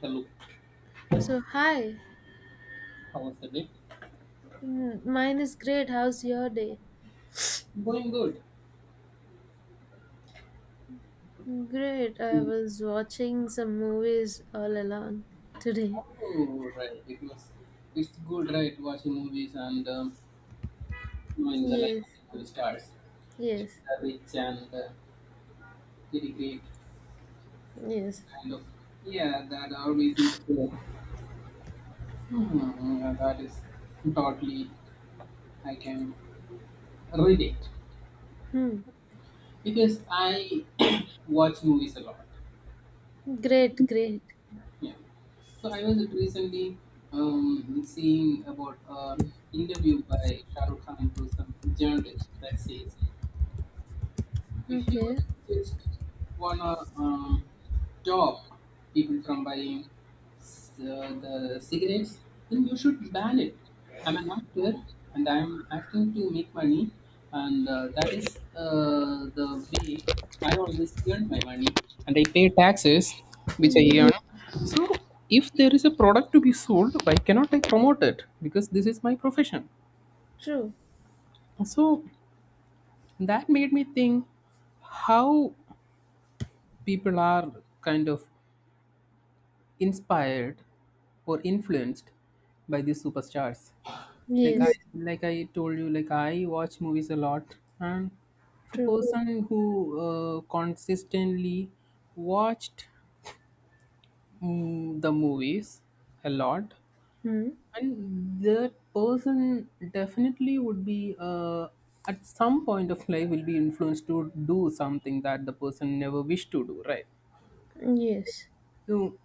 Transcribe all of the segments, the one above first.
Hello, So, hi, how was the day? Mine is great. How's your day? Going good. Great. I Mm. was watching some movies all along today. Oh, right. It was. It's good, right? Watching movies and knowing the life Yes, of the stars, the yes, rich and very great yes. kind of. Yeah, that always is there. Hmm, yeah, that is totally. I can relate Hmm. because I watch movies a lot. Great, great. Yeah. So I was recently seeing about an interview by Shah Rukh Khan to some journalist that says if you Okay. just wanna stop people from buying the cigarettes, then you should ban it. I'm an actor, and I'm acting to make money, and that is the way I always earn my money, and I pay taxes which I Yes, earn. So if there is a product to be sold, why cannot I promote it? Because this is my profession. true. So that made me think how people are kind of inspired or influenced by these superstars, like i Yes, like i told you, like I watch movies a lot. And if a true. person who consistently watched, the movies a lot, Hmm. and that person definitely would be at some point of life will be influenced to do something that the person never wished to do, right? Yes, So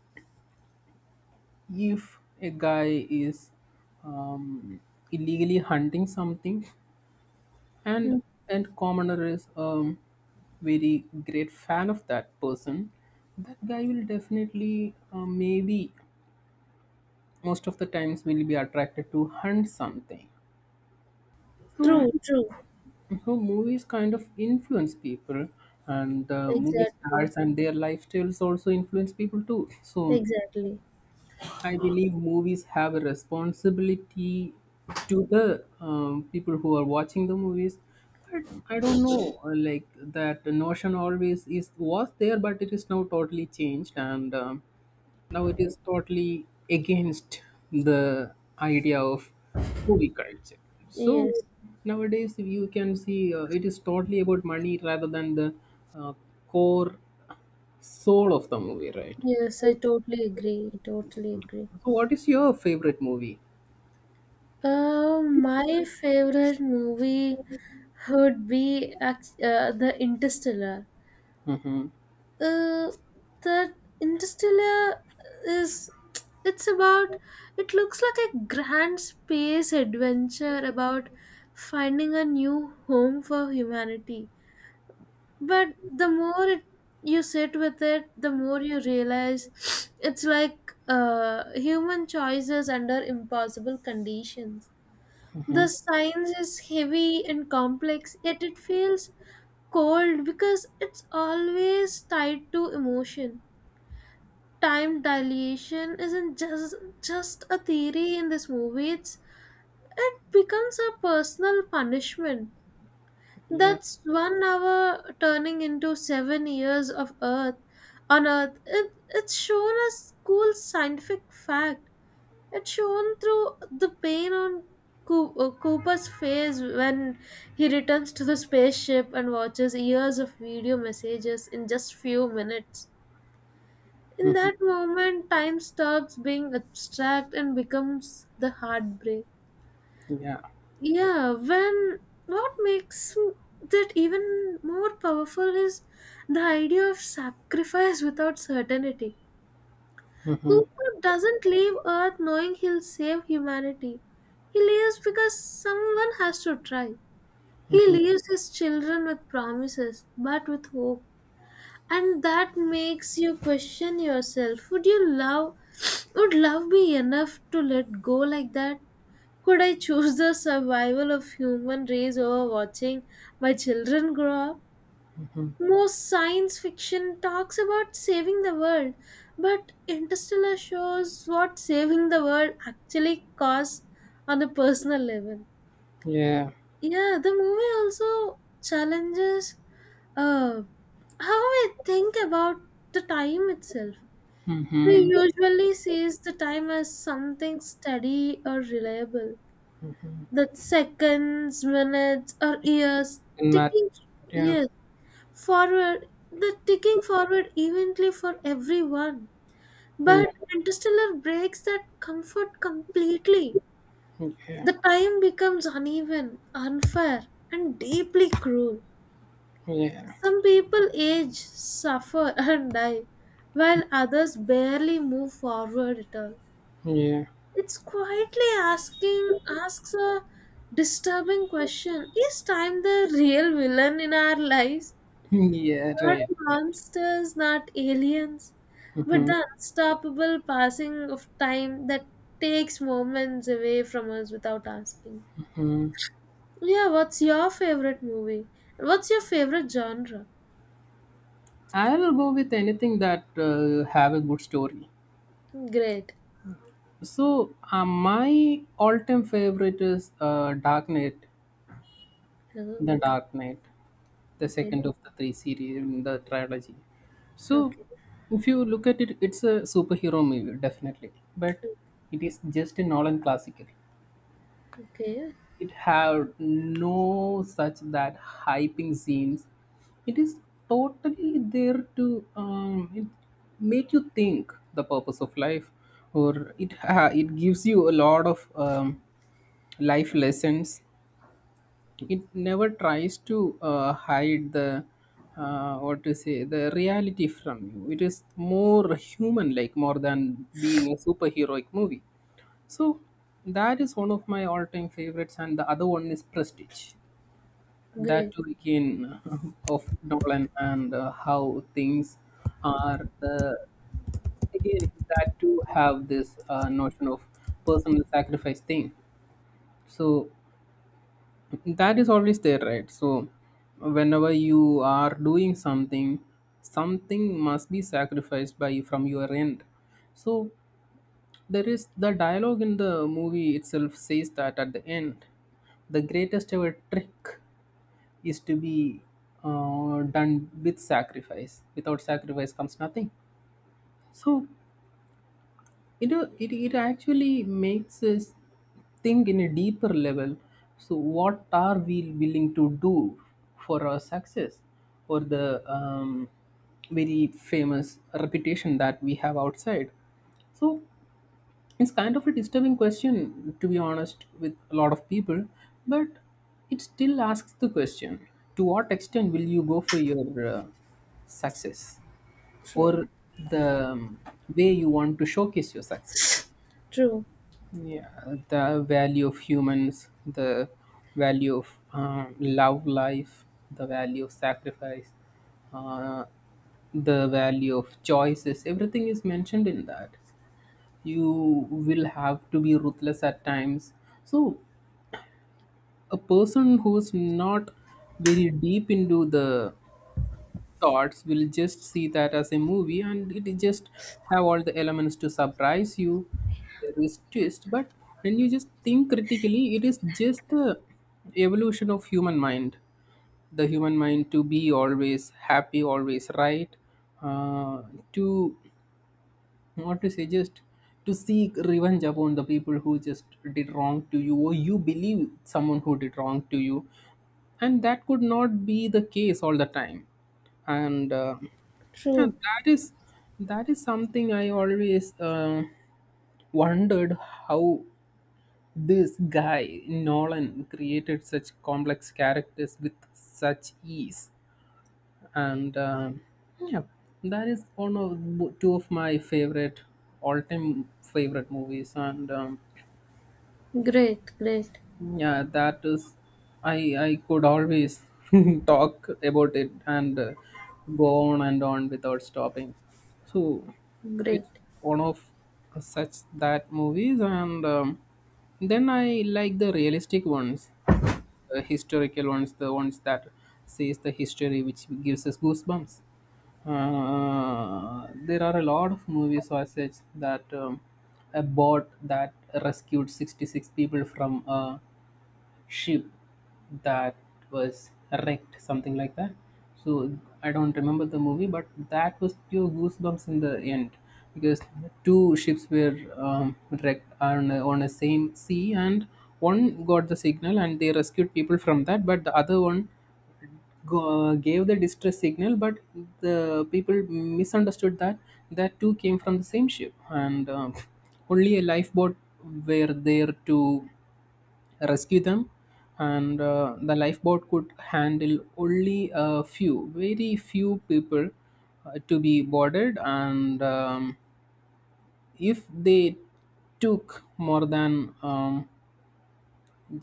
if a guy is um, illegally hunting something, and and commoner is very great fan of that person, that guy will definitely maybe most of the times will be attracted to hunt something. So true, true. so movies kind of influence people, and movie Exactly, stars and their lifestyles also influence people too. So exactly. I believe movies have a responsibility to the people who are watching the movies, but I don't know. Like that notion always is was there, but it is now totally changed, and now it is totally against the idea of movie culture. So Yes, nowadays, if you can see, it is totally about money rather than the uh, core soul of the movie, right? yes, I totally agree. Totally agree. So, what is your favorite movie? My favorite movie would be the Interstellar. Mhm, Uh, the Interstellar is it's about it looks like a grand space adventure about finding a new home for humanity. But the more it, you sit with it, the more you realize it's like human choices under impossible conditions. mhm. The science is heavy and complex, yet it feels cold because it's always tied to emotion. Time dilation isn't just a theory in this movie. It becomes a personal punishment. Yeah, That's 1 hour turning into 7 years of Earth on Earth. It's shown as cool scientific fact. It shone through the pain on Cooper's face when he returns to the spaceship and watches years of video messages in just few minutes. In that moment, time stops being abstract and becomes the heartbreak. yeah, Yeah, when what makes that even more powerful is the idea of sacrifice without certainty. Cooper doesn't leave Earth knowing he'll save humanity. He leaves because someone has to try. He leaves his children with promises, but with hope. And that makes you question yourself. Would you love Would love be enough to let go like that? Could I choose the survival of human race over watching my children grow up? Most science fiction talks about saving the world, but Interstellar shows what saving the world actually costs on a personal level. yeah. Yeah, the movie also challenges uh, how we think about the time itself. We Mhm. usually sees the time as something steady or reliable. That seconds, minutes, or years And matters. ticking. Yeah, Yes, forward, the ticking forward evenly for everyone. yeah, But Interstellar breaks that comfort completely. yeah, The time becomes uneven, unfair, and deeply cruel. yeah, Some people age, suffer, and die, while others barely move forward at all. yeah, It's quietly asking asks a disturbing question. Is time the real villain in our lives? yeah. Right, Not right. monsters, not aliens, but Mhm, the unstoppable passing of time that takes moments away from us without asking. mhm. Yeah, what's your favorite movie? What's your favorite genre? I'll go with anything that have a good story. Great. So my all-time favorite is Dark Knight. Oh, The Dark Knight, the second okay. of the three series in the trilogy. So, Okay. if you look at it, it's a superhero movie, definitely. But it is just a Nolan classical. Okay. It have no such that hyping scenes. It is totally there to it make you think the purpose of life, or it gives you a lot of life lessons. It never tries to hide the what to say, the reality from you. It is more human like more than being a superheroic movie. So that is one of my all-time favorites, and the other one is Prestige. That Great. too, again, of Nolan. And how things are the again that too have this notion of personal sacrifice thing. So that is always there, right? So whenever you are doing something, something must be sacrificed by from your end. So there is the dialogue in the movie itself says that at the end the greatest ever trick is to be done with sacrifice. Without sacrifice comes nothing. So it, it actually makes us think in a deeper level. So what are we willing to do for our success, or the very famous reputation that we have outside? So it's kind of a disturbing question to be honest with a lot of people. But it still asks the question, to what extent will you go for your uh, success, True. or the way you want to showcase your success? True. Yeah, the value of humans, the value of love life, the value of sacrifice, uh, the value of choices, everything is mentioned in that. You will have to be ruthless at times. So, a person who's not very deep into the thoughts will just see that as a movie, and it just have all the elements to surprise you. There is twist, but when you just think critically, it is just the evolution of human mind, the human mind to be always happy always right. uh, to what to say? Just to seek revenge upon the people who just did wrong to you, or you believe someone who did wrong to you, and that could not be the case all the time. And yeah, True. That is something I always. Wondered how this guy Nolan created such complex characters with such ease. And yeah, that is one of two of my favorite all-time favorite movies. And Great. Great. yeah, that is I could always talk about it, and go on and on without stopping. So Great. it's one of such that movies. And then I like the realistic ones, historical ones, the ones that says the history, which gives us goosebumps. There are a lot of movies or such that a boat that rescued 66 people from a ship that was wrecked, something like that. So I don't remember the movie, but that was pure goosebumps in the end because two ships were wrecked on a, on the same sea, and one got the signal and they rescued people from that, but the other one gave the distress signal, but the people misunderstood that that two came from the same ship, and only a lifeboat were there to rescue them. And the lifeboat could handle only a few very few people to be boarded. And if they took more than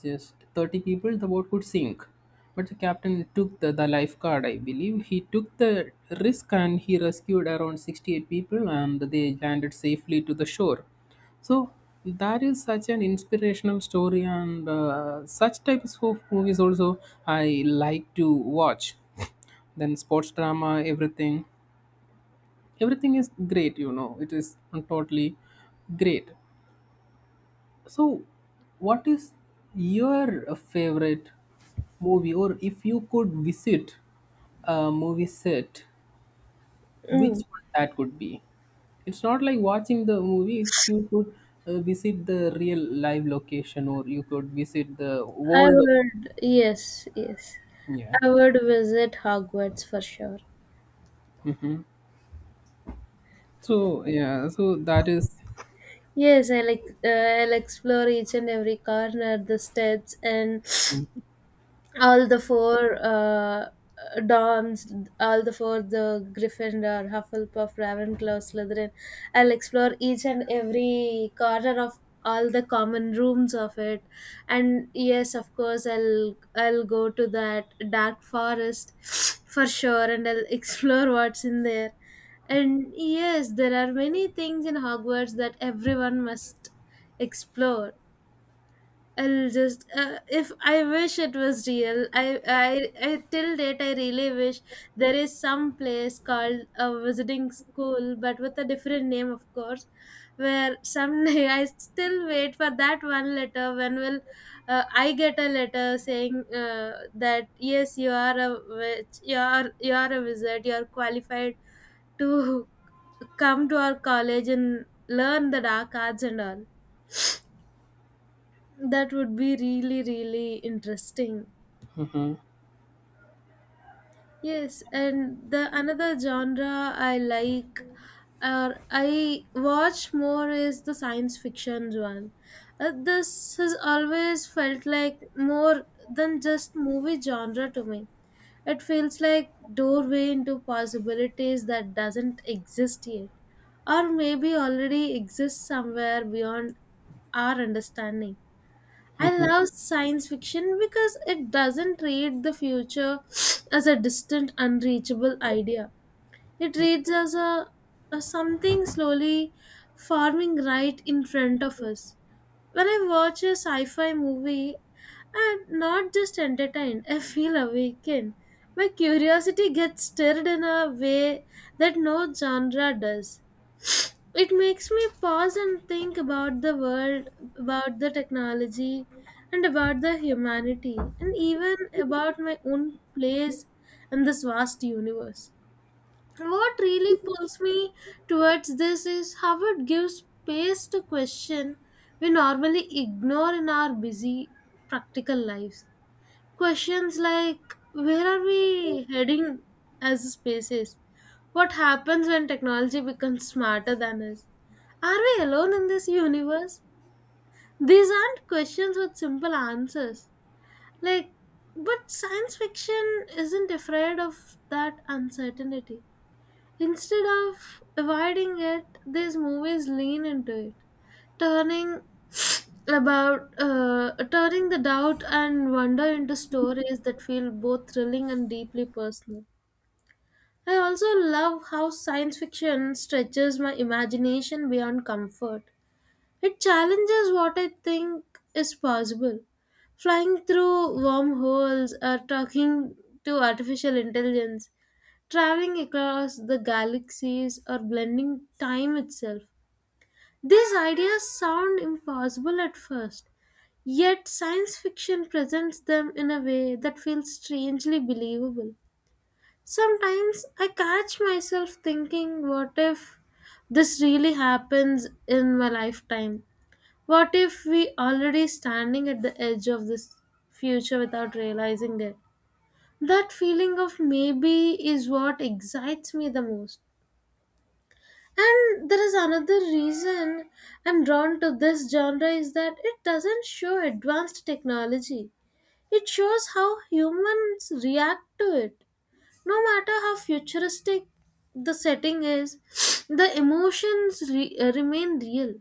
just 30 people, the boat could sink. But the captain took the lifeguard, I believe. He took the risk and he rescued around 68 people and they landed safely to the shore. So that is such an inspirational story, and such types of movies also I like to watch. Then sports drama, everything. Everything is great, you know. It is totally great. So, what is your favorite movie, or if you could visit a movie set, which Mm. one that could be? It's not like watching the movie, if you could visit the real live location, or you could visit the I world. Of, would. Yes. Yes. yeah. I would visit Hogwarts for sure. So, yeah, so that is. Yes, I'll explore each and every corner, the steps, and all the four uh, doms, all the four the Gryffindor, Hufflepuff, Ravenclaw, Slytherin. I'll explore each and every corner of all the common rooms of it, and yes, of course, I'll go to that dark forest for sure, and I'll explore what's in there. And yes, there are many things in Hogwarts that everyone must explore. I'll just If I wish it was real. I till date I really wish there is some place called a visiting school, but with a different name, of course. Where someday I still wait for that one letter. When will I get a letter saying that yes, you are a witch, you are a wizard, you are qualified to come to our college and learn the dark arts and all. That would be really, really interesting. Mm-hmm. Yes, and the another genre I like or I watch more is the science fiction one. This has always felt like more than just movie genre to me. It feels like doorway into possibilities that doesn't exist yet, or maybe already exists somewhere beyond our understanding. I love science fiction because it doesn't read the future as a distant, unreachable idea. It reads as a something slowly forming right in front of us. When I watch a sci-fi movie, I'm not just entertained, I feel awakened. My curiosity gets stirred in a way that no genre does. It makes me pause and think about the world, about the technology, and about the humanity, and even about my own place in this vast universe. What really pulls me towards this is how it gives space to question we normally ignore in our busy practical lives. Questions like where are we heading as a species? What happens when technology becomes smarter than us? Are we alone in this universe? These aren't questions with simple answers. Like, but science fiction isn't afraid of that uncertainty. Instead of avoiding it, these movies lean into it, turning turning the doubt and wonder into stories that feel both thrilling and deeply personal. I also love how science fiction stretches my imagination beyond comfort. It challenges what I think is possible. Flying through wormholes or talking to artificial intelligence, traveling across the galaxies, or blending time itself. These ideas sound impossible at first. Yet science fiction presents them in a way that feels strangely believable. Sometimes I catch myself thinking, what if this really happens in my lifetime? What if we already standing at the edge of this future without realizing it? That feeling of maybe is what excites me the most. And there is another reason I'm drawn to this genre is that it doesn't show advanced technology. It shows how humans react to it. No matter how futuristic the setting is, the emotions remain real.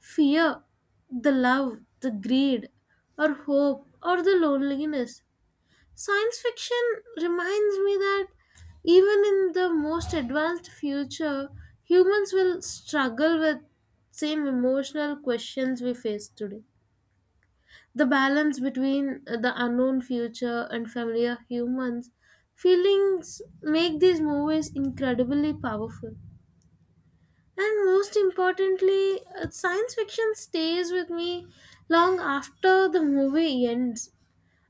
Fear, the love, the greed, or hope, or the loneliness. Science fiction reminds me that even in the most advanced future, humans will struggle with same emotional questions we face today. The balance between the unknown future and familiar humans feelings make these movies incredibly powerful. And most importantly, science fiction stays with me long after the movie ends.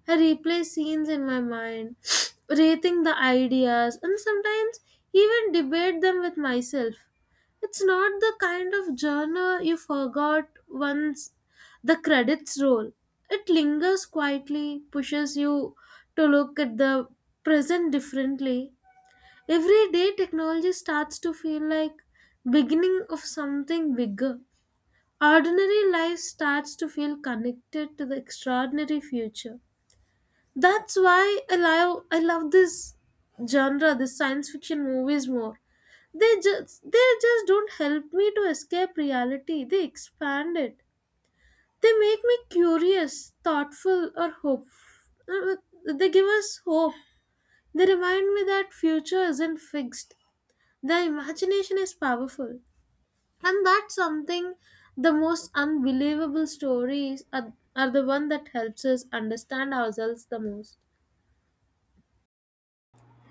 I replay scenes in my mind, rating the ideas, and sometimes even debate them with myself. It's not the kind of journal you forgot once the credits roll. It lingers quietly, pushes you to look at the present differently. Every day, technology starts to feel like beginning of something bigger. Ordinary life starts to feel connected to the extraordinary future. That's why I love this genre, this science fiction movies more. They just don't help me to escape reality. They expand it. They make me curious, thoughtful, or hope. uh, They give us hope. They remind me that future isn't fixed. The imagination is powerful, and that's something. The most unbelievable stories are the one that helps us understand ourselves the most.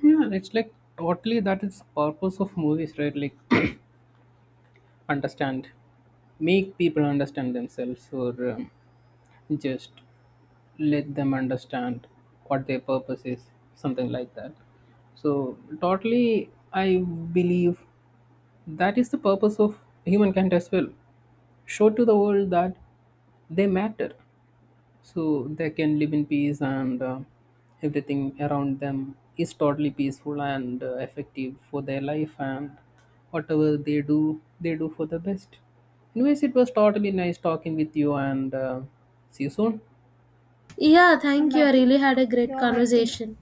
Yeah, it's like totally that is purpose of movies, right? Like, understand, make people understand themselves, or. Just let them understand what their purpose is, something like that. So totally I believe that is the purpose of humankind as well. Show to the world that they matter, so they can live in peace. And everything around them is totally peaceful and effective for their life, and whatever they do for the best. Anyways, it was totally nice talking with you, and see you soon. Yeah, thank you. I really had a great conversation.